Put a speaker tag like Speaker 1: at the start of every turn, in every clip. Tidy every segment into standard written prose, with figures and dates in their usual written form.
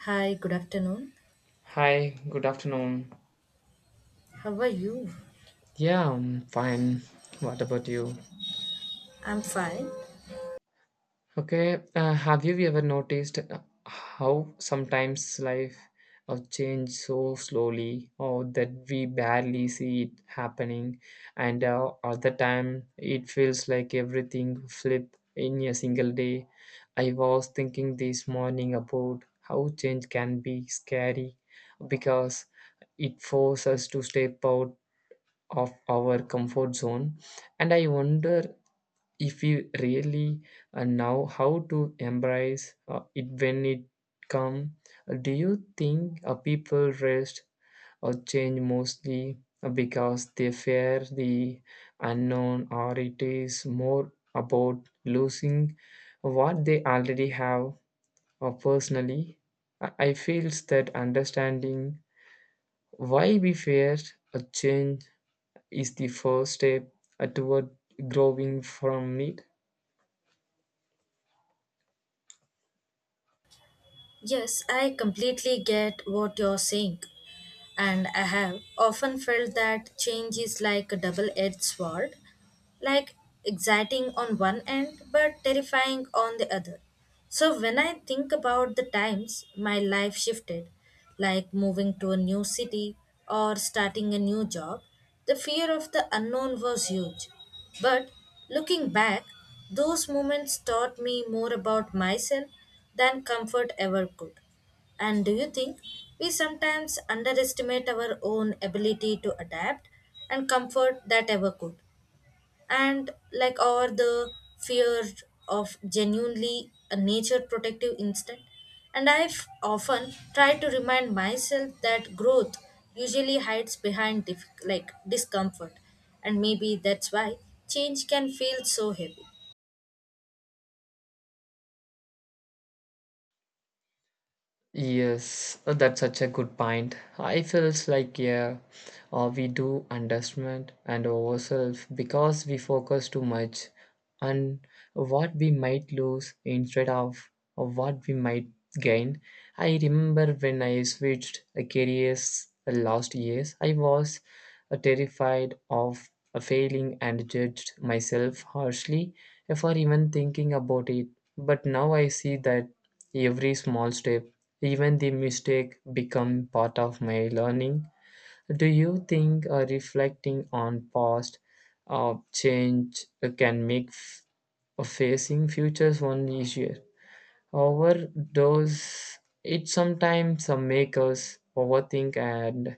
Speaker 1: Hi, good afternoon.
Speaker 2: Hi, good afternoon.
Speaker 1: How are you?
Speaker 2: Yeah, I'm fine. What about you?
Speaker 1: I'm fine.
Speaker 2: Okay, have you ever noticed how sometimes life changes so slowly or that we barely see it happening, and other time it feels like everything flip in a single day. I was thinking this morning about how change can be scary because it forces us to step out of our comfort zone, and I wonder if we really know how to embrace it when it come. Do you think people rest or change mostly because they fear the unknown, or it is more about losing what they already have? Or personally, I feels that understanding why we fear a change is the first step toward growing from it.
Speaker 1: Yes, I completely get what you're saying. And I have often felt that change is like a double edged sword. Like exciting on one end but terrifying on the other. So when I think about the times my life shifted, like moving to a new city or starting a new job, the fear of the unknown was huge. But looking back, those moments taught me more about myself than comfort ever could. And do you think we sometimes underestimate our own ability to adapt and comfort that ever could? And like or the fear of genuinely a nature protective instinct. And I've often tried to remind myself that growth usually hides behind like discomfort, and maybe that's why change can feel so heavy.
Speaker 2: Yes, that's such a good point. I feels like, yeah, we do underestimate and ourselves because we focus too much on what we might lose instead of what we might gain. I remember when I switched careers last years, I was terrified of failing and judged myself harshly for even thinking about it. But now I see that every small step, even the mistake, become part of my learning. Do you think reflecting on past change can make facing futures one easier? However, those, it sometimes make us overthink and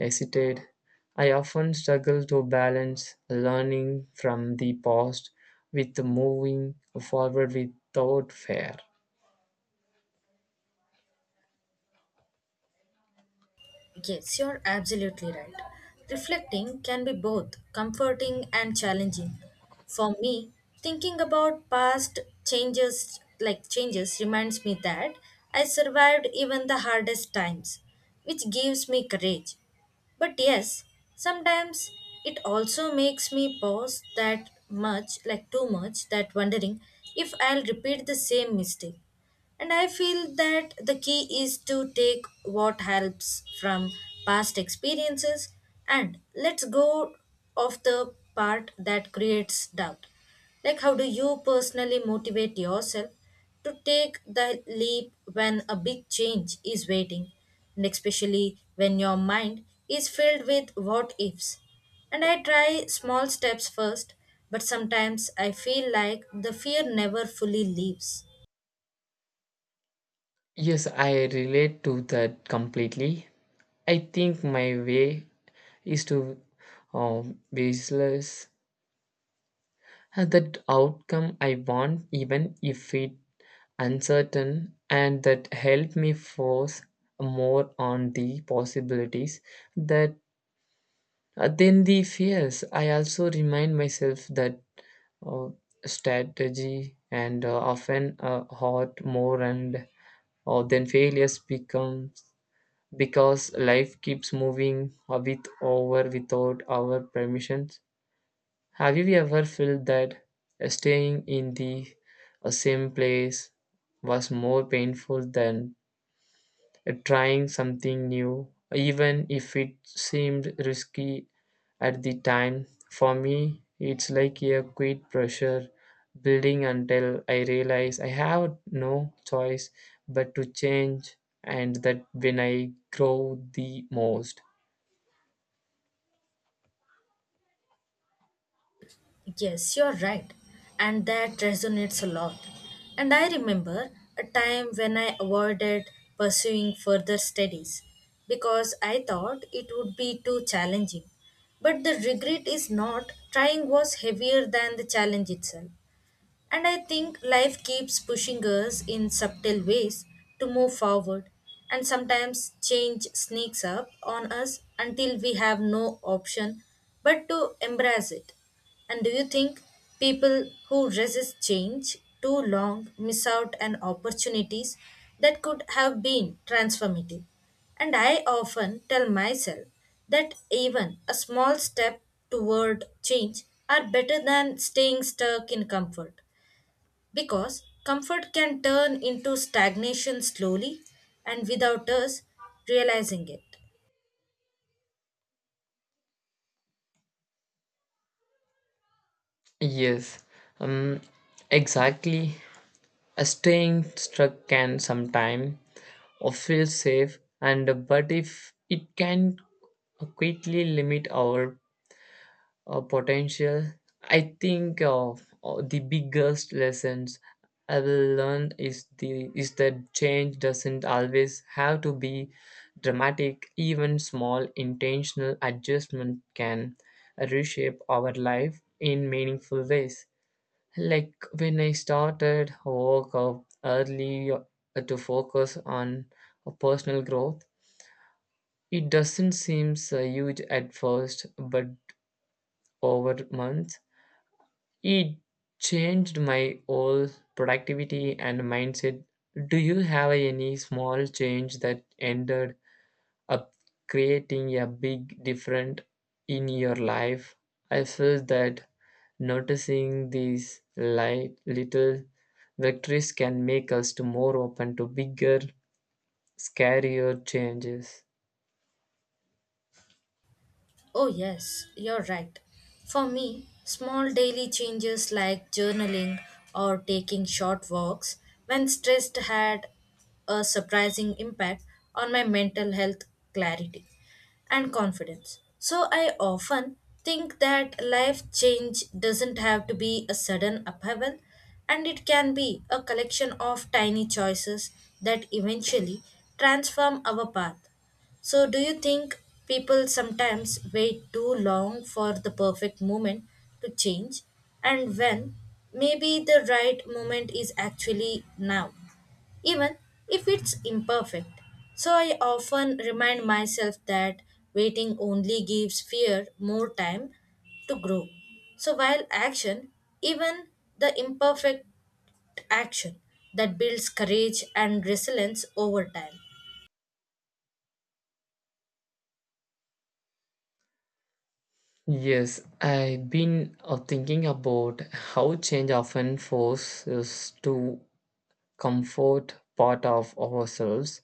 Speaker 2: hesitate? I often struggle to balance learning from the past with moving forward without fear.
Speaker 1: Yes, you're absolutely right. Reflecting can be both comforting and challenging. For me, thinking about past changes reminds me that I survived even the hardest times, which gives me courage. But yes, sometimes it also makes me pause that much, like too much, that wondering if I'll repeat the same mistake. And I feel that the key is to take what helps from past experiences and let's go of the part that creates doubt. Like, how do you personally motivate yourself to take the leap when a big change is waiting, and especially when your mind is filled with what ifs? And I try small steps first, but sometimes I feel like the fear never fully leaves.
Speaker 2: Yes, I relate to that completely. I think my way is to baseless that outcome I want, even if it uncertain, and that help me force more on the possibilities that than the fears. I also remind myself that uh, strategy and often hurt more, and then failures becomes because life keeps moving with over without our permissions. Have you ever felt that staying in the same place was more painful than trying something new, even if it seemed risky at the time? For me, it's like a quit pressure building until I realize I have no choice but to change, and that when I grow the most.
Speaker 1: Yes, you're right. And that resonates a lot. And I remember a time when I avoided pursuing further studies because I thought it would be too challenging. But the regret is not trying was heavier than the challenge itself. And I think life keeps pushing us in subtle ways to move forward, and sometimes change sneaks up on us until we have no option but to embrace it. And do you think people who resist change too long miss out on opportunities that could have been transformative? And I often tell myself that even a small step toward change are better than staying stuck in comfort. Because comfort can turn into stagnation slowly and without us realizing it.
Speaker 2: Yes, um, exactly. A staying struck can sometime or feel safe, and but if it can quickly limit our potential. I think of the biggest lessons I will learn is that change doesn't always have to be dramatic. Even small intentional adjustment can reshape our life in meaningful ways. Like when I started work up early to focus on personal growth, it doesn't seem so huge at first, but over months it changed my whole productivity and mindset. Do you have any small change that ended up creating a big difference in your life? I feel that noticing these light little victories can make us to more open to bigger, scarier changes.
Speaker 1: Oh, yes, you're right. For me, small daily changes like journaling or taking short walks when stressed had a surprising impact on my mental health, clarity and confidence. So I often think that life change doesn't have to be a sudden upheaval, and it can be a collection of tiny choices that eventually transform our path. So, do you think people sometimes wait too long for the perfect moment to change? And when maybe the right moment is actually now, even if it's imperfect. So, I often remind myself that waiting only gives fear more time to grow. So, while action, even the imperfect action, that builds courage and resilience over time.
Speaker 2: Yes, I've been thinking about how change often forces us to comfort part of ourselves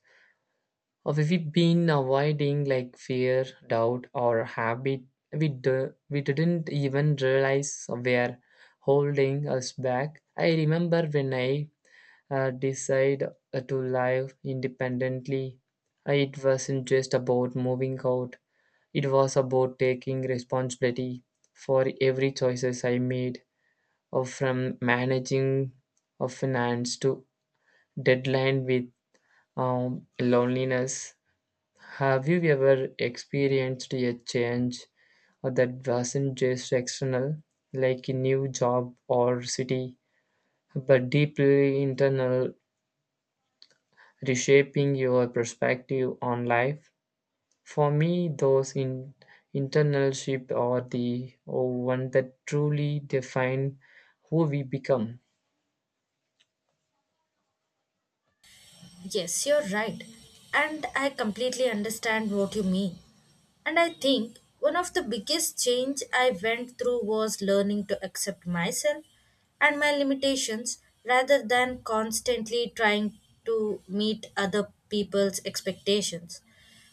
Speaker 2: we've been avoiding, like fear, doubt, or habit we didn't even realize were holding us back. I remember when I decided to live independently. It wasn't just about moving out, it was about taking responsibility for every choices I made, from managing of finance to deadline with loneliness. Have you ever experienced a change that wasn't just external, like a new job or city, but deeply internal, reshaping your perspective on life? For me, those internal shifts are the one that truly define who we become.
Speaker 1: Yes, you're right. And I completely understand what you mean. And I think one of the biggest change I went through was learning to accept myself and my limitations rather than constantly trying to meet other people's expectations.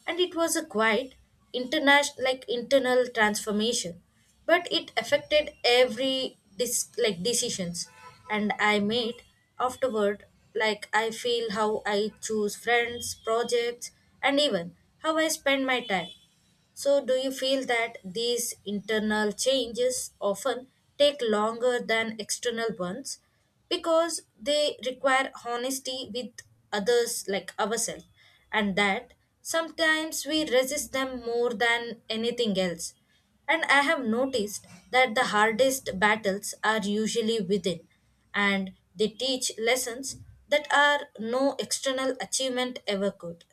Speaker 1: And it was a quiet international like internal transformation, but it affected every like decisions and I made afterward. Like, I feel how I choose friends, projects, and even how I spend my time. So, do you feel that these internal changes often take longer than external ones because they require honesty with others like ourselves, and that sometimes we resist them more than anything else? And I have noticed that the hardest battles are usually within, and they teach lessons that are no external achievement ever could.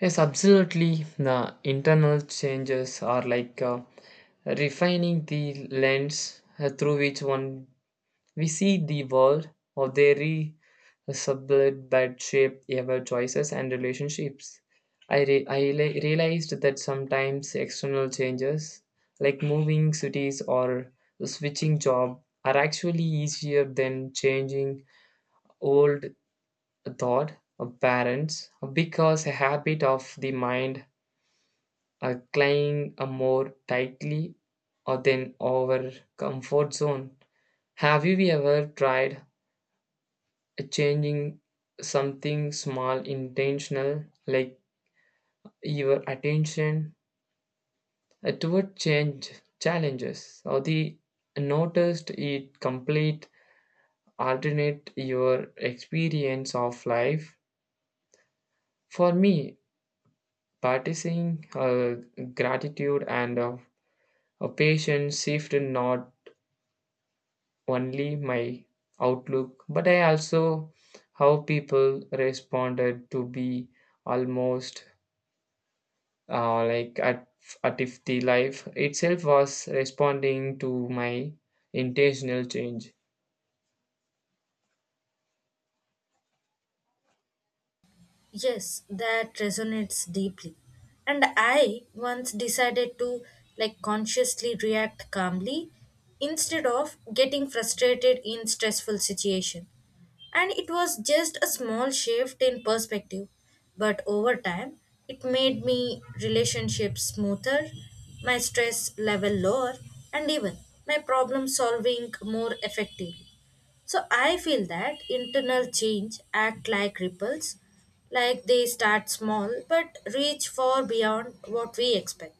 Speaker 2: Yes, absolutely. The internal changes are like refining the lens through which one we see the world, or their sublet that shape our choices and relationships. I realized that sometimes external changes, like moving cities or switching job, are actually easier than changing old thought of parents, because a habit of the mind cling a more tightly or than our comfort zone. Have you ever tried changing something small, intentional, like your attention toward change challenges, or the noticed it complete alternate your experience of life? For me, practicing gratitude and a patience shifted not only my outlook, but I also how people responded to be almost like at if the life itself was responding to my intentional change.
Speaker 1: Yes, that resonates deeply. And I once decided to like consciously react calmly instead of getting frustrated in stressful situation. And it was just a small shift in perspective, but over time it made me relationships smoother, my stress level lower, and even my problem solving more effectively. So I feel that internal change act like ripples, like they start small but reach far beyond what we expect.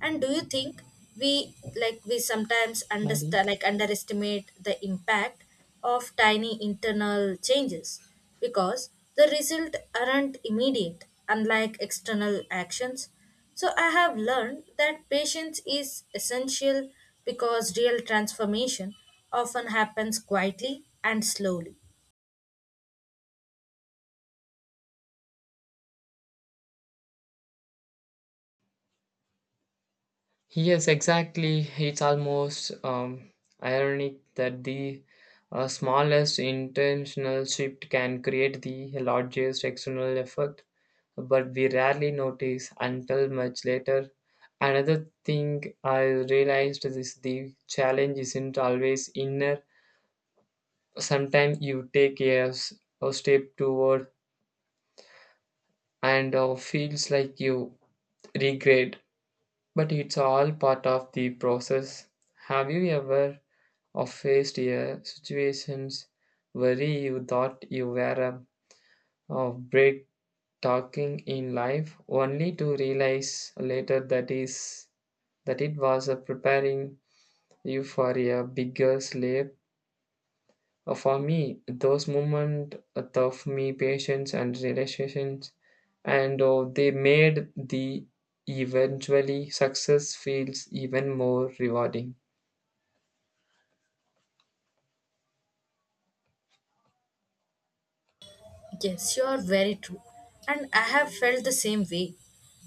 Speaker 1: And do you think we sometimes
Speaker 2: Maybe.
Speaker 1: understand like underestimate the impact of tiny internal changes because the result aren't immediate unlike external actions. So I have learned that patience is essential because real transformation often happens quietly and slowly.
Speaker 2: Yes, exactly. It's almost ironic that the smallest intentional shift can create the largest external effect, but we rarely notice until much later. Another thing I realized is the challenge isn't always inner. Sometimes you take a step toward and feels like you regret, but it's all part of the process. Have you ever faced a situations where you thought you were a break talking in life only to realize later that it was preparing you for a bigger slave. For me, those moments taught me patience and relaxations, and they made the eventually success feels even more rewarding.
Speaker 1: Yes, you are very true. And I have felt the same way.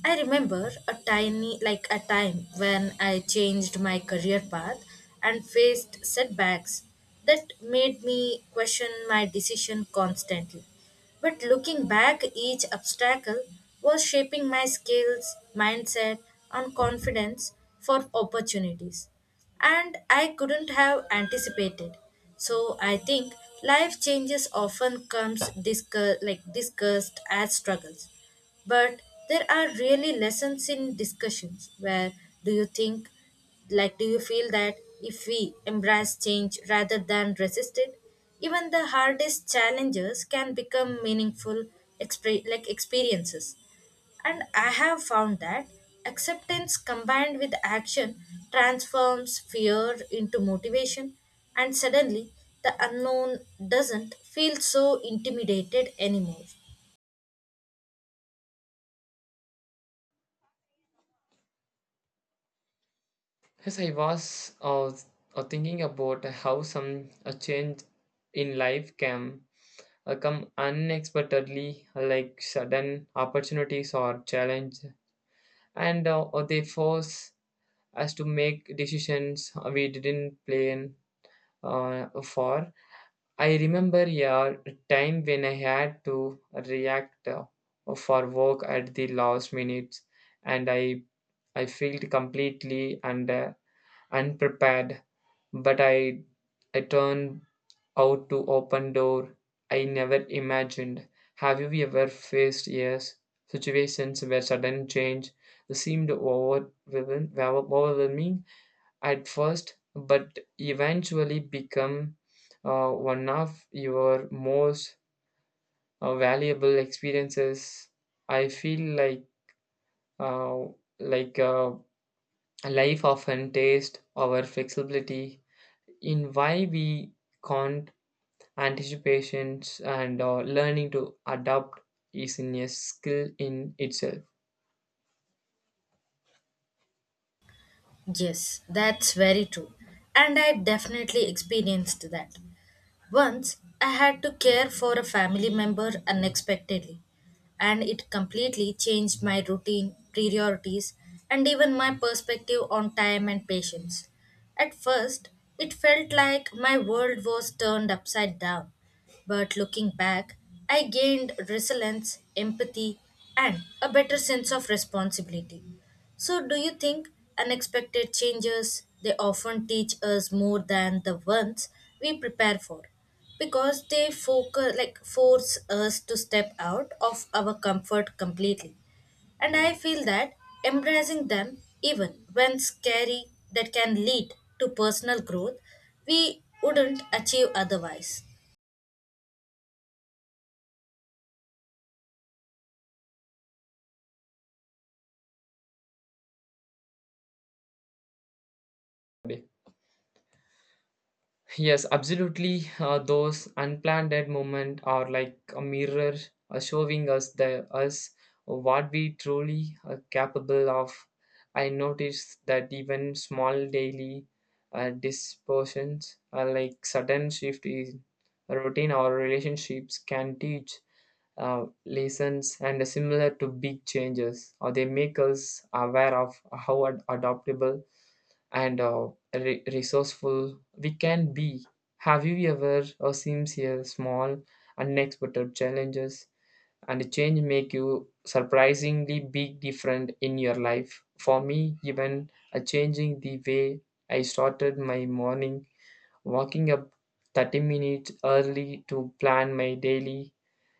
Speaker 1: I remember like a time when I changed my career path and faced setbacks that made me question my decision constantly. But looking back, each obstacle was shaping my skills, mindset, and confidence for opportunities and I couldn't have anticipated. So I think life changes often comes like discussed as struggles. But there are really lessons in discussions. Where do you think, like do you feel that if we embrace change rather than resist it, even the hardest challenges can become meaningful like experiences. And I have found that acceptance combined with action transforms fear into motivation, and suddenly the unknown doesn't feel so intimidated anymore.
Speaker 2: Yes, I was thinking about how some a change in life can come unexpectedly, like sudden opportunities or challenge, and or they force us to make decisions we didn't plan for. I remember a time when I had to react for work at the last minute, and I felt completely and unprepared. But I turned out to open door I never imagined. Have you ever faced yes situations where sudden change seemed overwhelming at first, but eventually become one of your most valuable experiences? I feel like uh, like uh, life often tastes our flexibility in why we can't anticipations, and learning to adapt is in a skill in itself.
Speaker 1: Yes, that's very true. And I definitely experienced that. Once I had to care for a family member unexpectedly, and it completely changed my routine, priorities, and even my perspective on time and patience. At first, it felt like my world was turned upside down, but looking back, I gained resilience, empathy, and a better sense of responsibility. So, do you think unexpected changes they often teach us more than the ones we prepare for? Because they like force us to step out of our comfort completely. And I feel that embracing them, even when scary, that can lead to personal growth we wouldn't achieve otherwise.
Speaker 2: Yes, absolutely. Those unplanned dead moments are like a mirror showing us the us what we truly are capable of. I noticed that even small daily dispositions, like sudden shift in routine or relationships, can teach lessons and similar to big changes, or they make us aware of how adaptable and resourceful we can be. Have you ever or seems here small, unexpected challenges and change make you surprisingly big different in your life? For me, even a changing the way I started my morning, walking up 30 minutes early to plan my daily,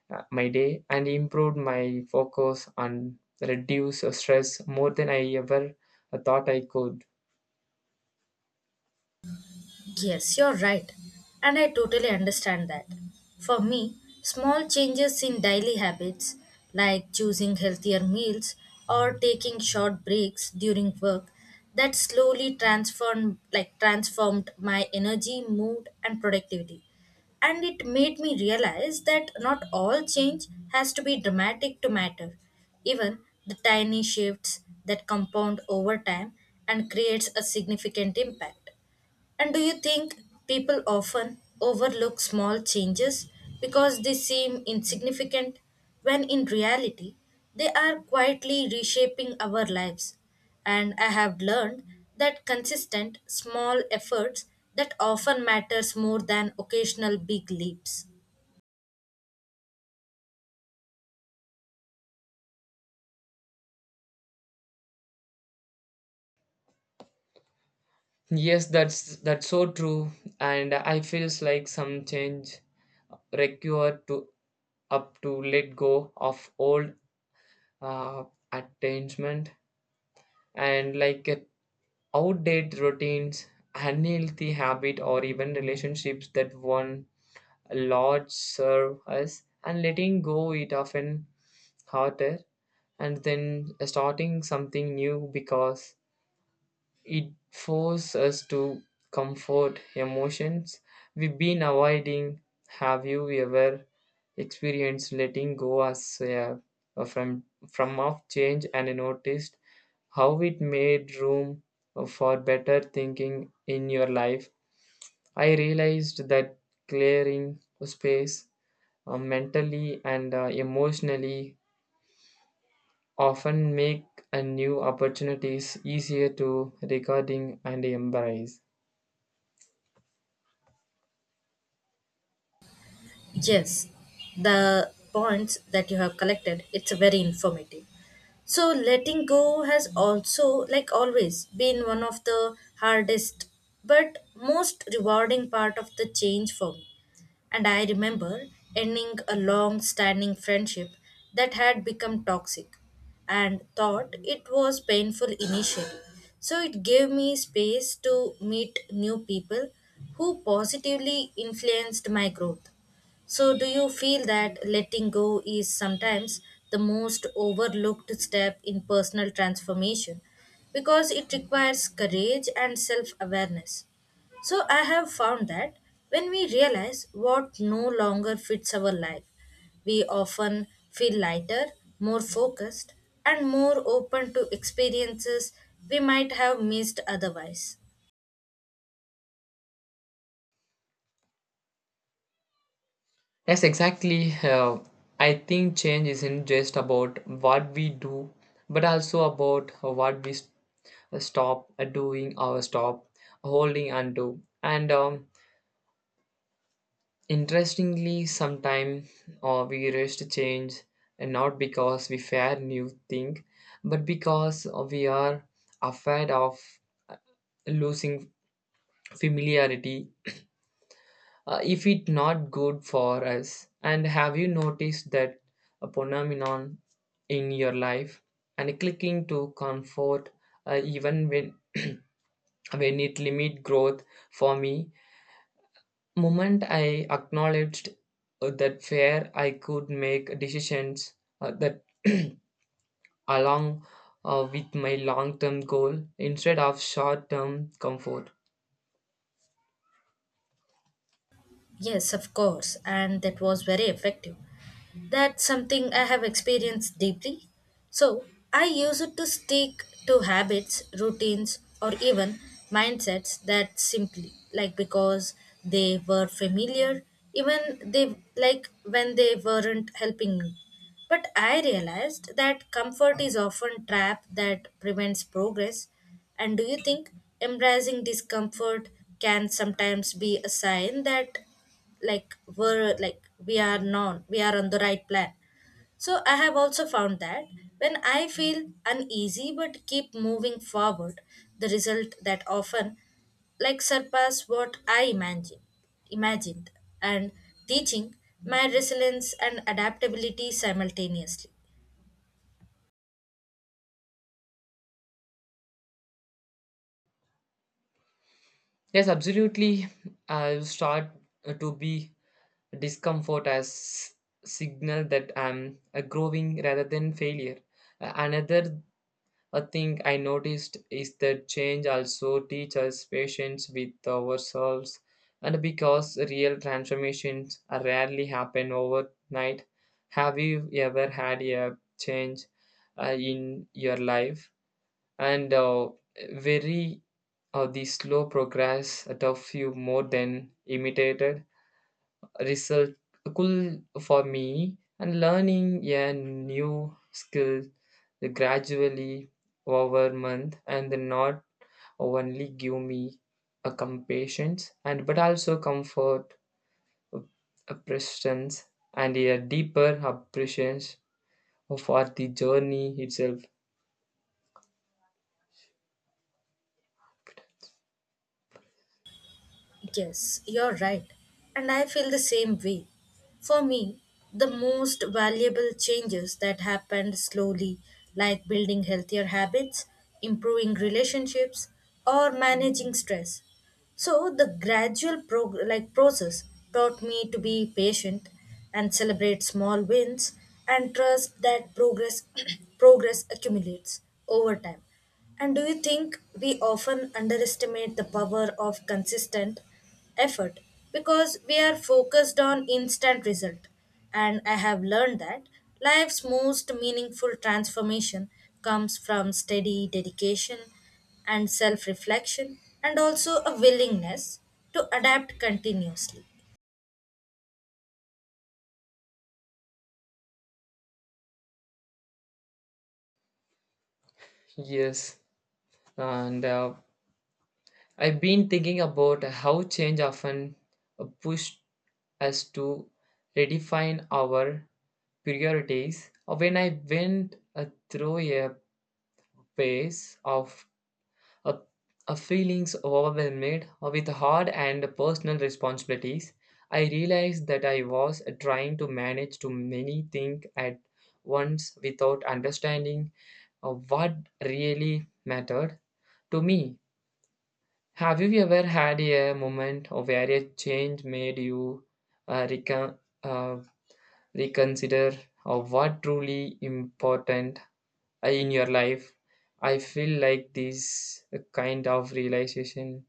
Speaker 2: my day, and improved my focus and reduce stress more than I ever thought I could.
Speaker 1: Yes, you're right. And I totally understand that. For me, small changes in daily habits, like choosing healthier meals or taking short breaks during work, that slowly transformed my energy, mood and productivity. And it made me realize that not all change has to be dramatic to matter. Even the tiny shifts that compound over time and creates a significant impact. And do you think people often overlook small changes because they seem insignificant, when in reality, they are quietly reshaping our lives? And I have learned that consistent, small efforts that often matters more than occasional big leaps.
Speaker 2: Yes, that's so true, and I feels like some change require to up to let go of old uh, attachment and outdated routines, unhealthy habit, or even relationships that one large serve us, and letting go it often harder, and then starting something new because it forces us to comfort emotions we've been avoiding. Have you ever experienced letting go as a from of change and noticed how it made room for better thinking in your life? I realized that clearing space mentally and emotionally often make a new opportunities easier to recording and embrace.
Speaker 1: Yes, the points that you have collected, it's very informative. So letting go has also, like always, been one of the hardest but most rewarding part of the change for me. And I remember ending a long standing friendship that had become toxic, and thought it was painful initially. So it gave me space to meet new people who positively influenced my growth. So, do you feel that letting go is sometimes the most overlooked step in personal transformation because it requires courage and self awareness? So, I have found that when we realize what no longer fits our life, we often feel lighter, more focused, and more open to experiences we might have missed otherwise.
Speaker 2: Yes, exactly. I think change isn't just about what we do, but also about what we stop doing or stop holding onto. And interestingly, sometimes we resist change, and not because we fear new thing, but because we are afraid of losing familiarity, if it not good for us. And have you noticed that a phenomenon in your life, and clicking to comfort even when when it limit growth? For me, moment I acknowledged that where I could make decisions that along with my long term goal instead of short term comfort.
Speaker 1: Yes, of course, and that was very effective. That's something I have experienced deeply. So, I use it to stick to habits, routines, or even mindsets that simply like because they were familiar, even they like when they weren't helping me. But I realized that comfort is often trap that prevents progress. And do you think embracing discomfort can sometimes be a sign that like we're like we are known we are on the right plan. So I have also found that when I feel uneasy but keep moving forward, the result that often like surpass what I imagined, and teaching my resilience and adaptability simultaneously.
Speaker 2: Yes, absolutely. I'll start to be discomfort as signal that I'm growing rather than failure. Another thing I noticed is that change also teaches us patience with ourselves, and because real transformations are rarely happen overnight. Have you ever had a change in your life, and very the slow progress that of you more than imitated researchable? For me, and learning a new skill gradually over month, and not only give me a compassions, and but also comfort a presence and a deeper appreciation for the journey itself.
Speaker 1: Yes, you're right. And I feel the same way. For me, the most valuable changes that happened slowly, like building healthier habits, improving relationships, or managing stress. So the gradual like process taught me to be patient and celebrate small wins and trust that progress progress accumulates over time. And do you think we often underestimate the power of consistent effort because we are focused on instant result? And I have learned that life's most meaningful transformation comes from steady dedication and self reflection and also a willingness to adapt continuously.
Speaker 2: Yes, and I've been thinking about how change often pushed us to redefine our priorities. When I went through a phase of uh, feelings overwhelmed with hard and personal responsibilities, I realized that I was trying to manage too many things at once without understanding what really mattered to me. Have you ever had a moment of where a change made you uh, recon- uh, reconsider what truly important in your life? I feel like this kind of realization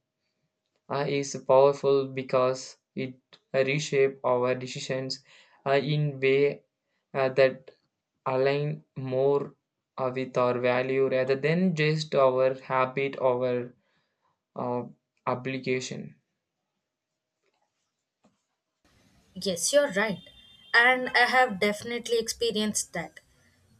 Speaker 2: is powerful because it reshape our decisions in way that align more with our value rather than just our habit or uh, obligation.
Speaker 1: Yes, you're right. And I have definitely experienced that.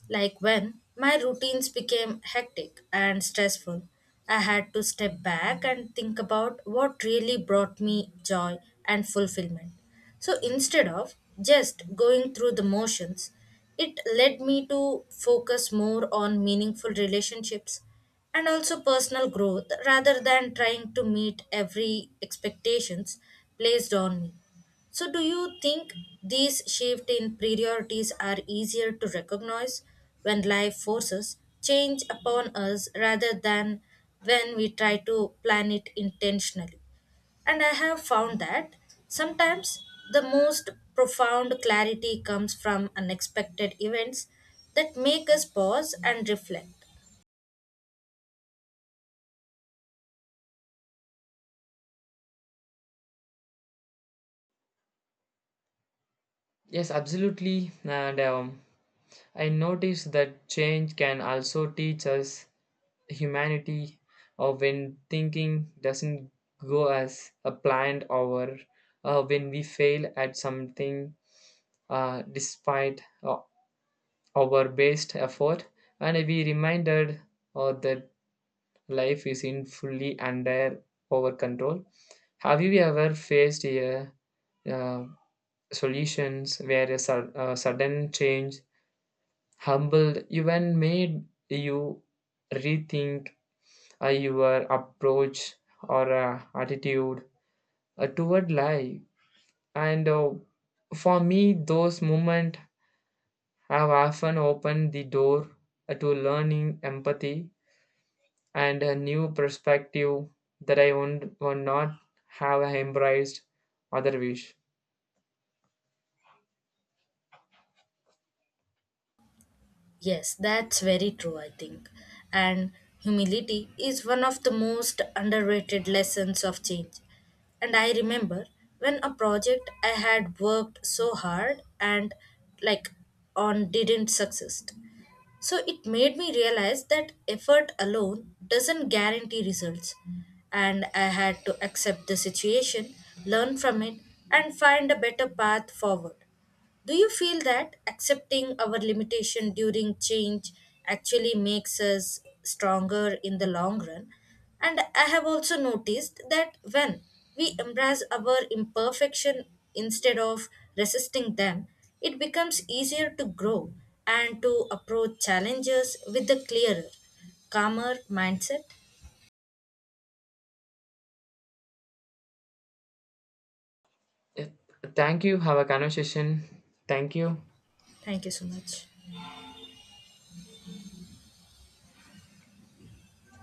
Speaker 1: Like when my routines became hectic and stressful, I had to step back and think about what really brought me joy and fulfillment. So instead of just going through the motions, it led me to focus more on meaningful relationships and also personal growth rather than trying to meet every expectations placed on me. So, do you think these shift in priorities are easier to recognize when life forces change upon us rather than when we try to plan it intentionally? And I have found that sometimes the most profound clarity comes from unexpected events that make us pause and reflect.
Speaker 2: Yes, absolutely. And I noticed that change can also teach us humanity, or when thinking doesn't go as a planned, or when we fail at something despite our best effort, and we reminded that life is in fully under our control. Have you ever faced a uh, solutions where a sudden change humbled even made you rethink your approach or attitude toward life? And for me, those moments have often opened the door to learning empathy and a new perspective that would not have embraced other wish.
Speaker 1: Yes, that's very true, I think. And humility is one of the most underrated lessons of change. And I remember when a project I had worked so hard and like on didn't succeed. So it made me realize that effort alone doesn't guarantee results. And I had to accept the situation, learn from it, and find a better path forward. Do you feel that accepting our limitation during change actually makes us stronger in the long run? And I have also noticed that when we embrace our imperfection instead of resisting them, it becomes easier to grow and to approach challenges with a clearer, calmer mindset.
Speaker 2: Uh, Thank you. Have a conversation. Thank you.
Speaker 1: Thank you so much.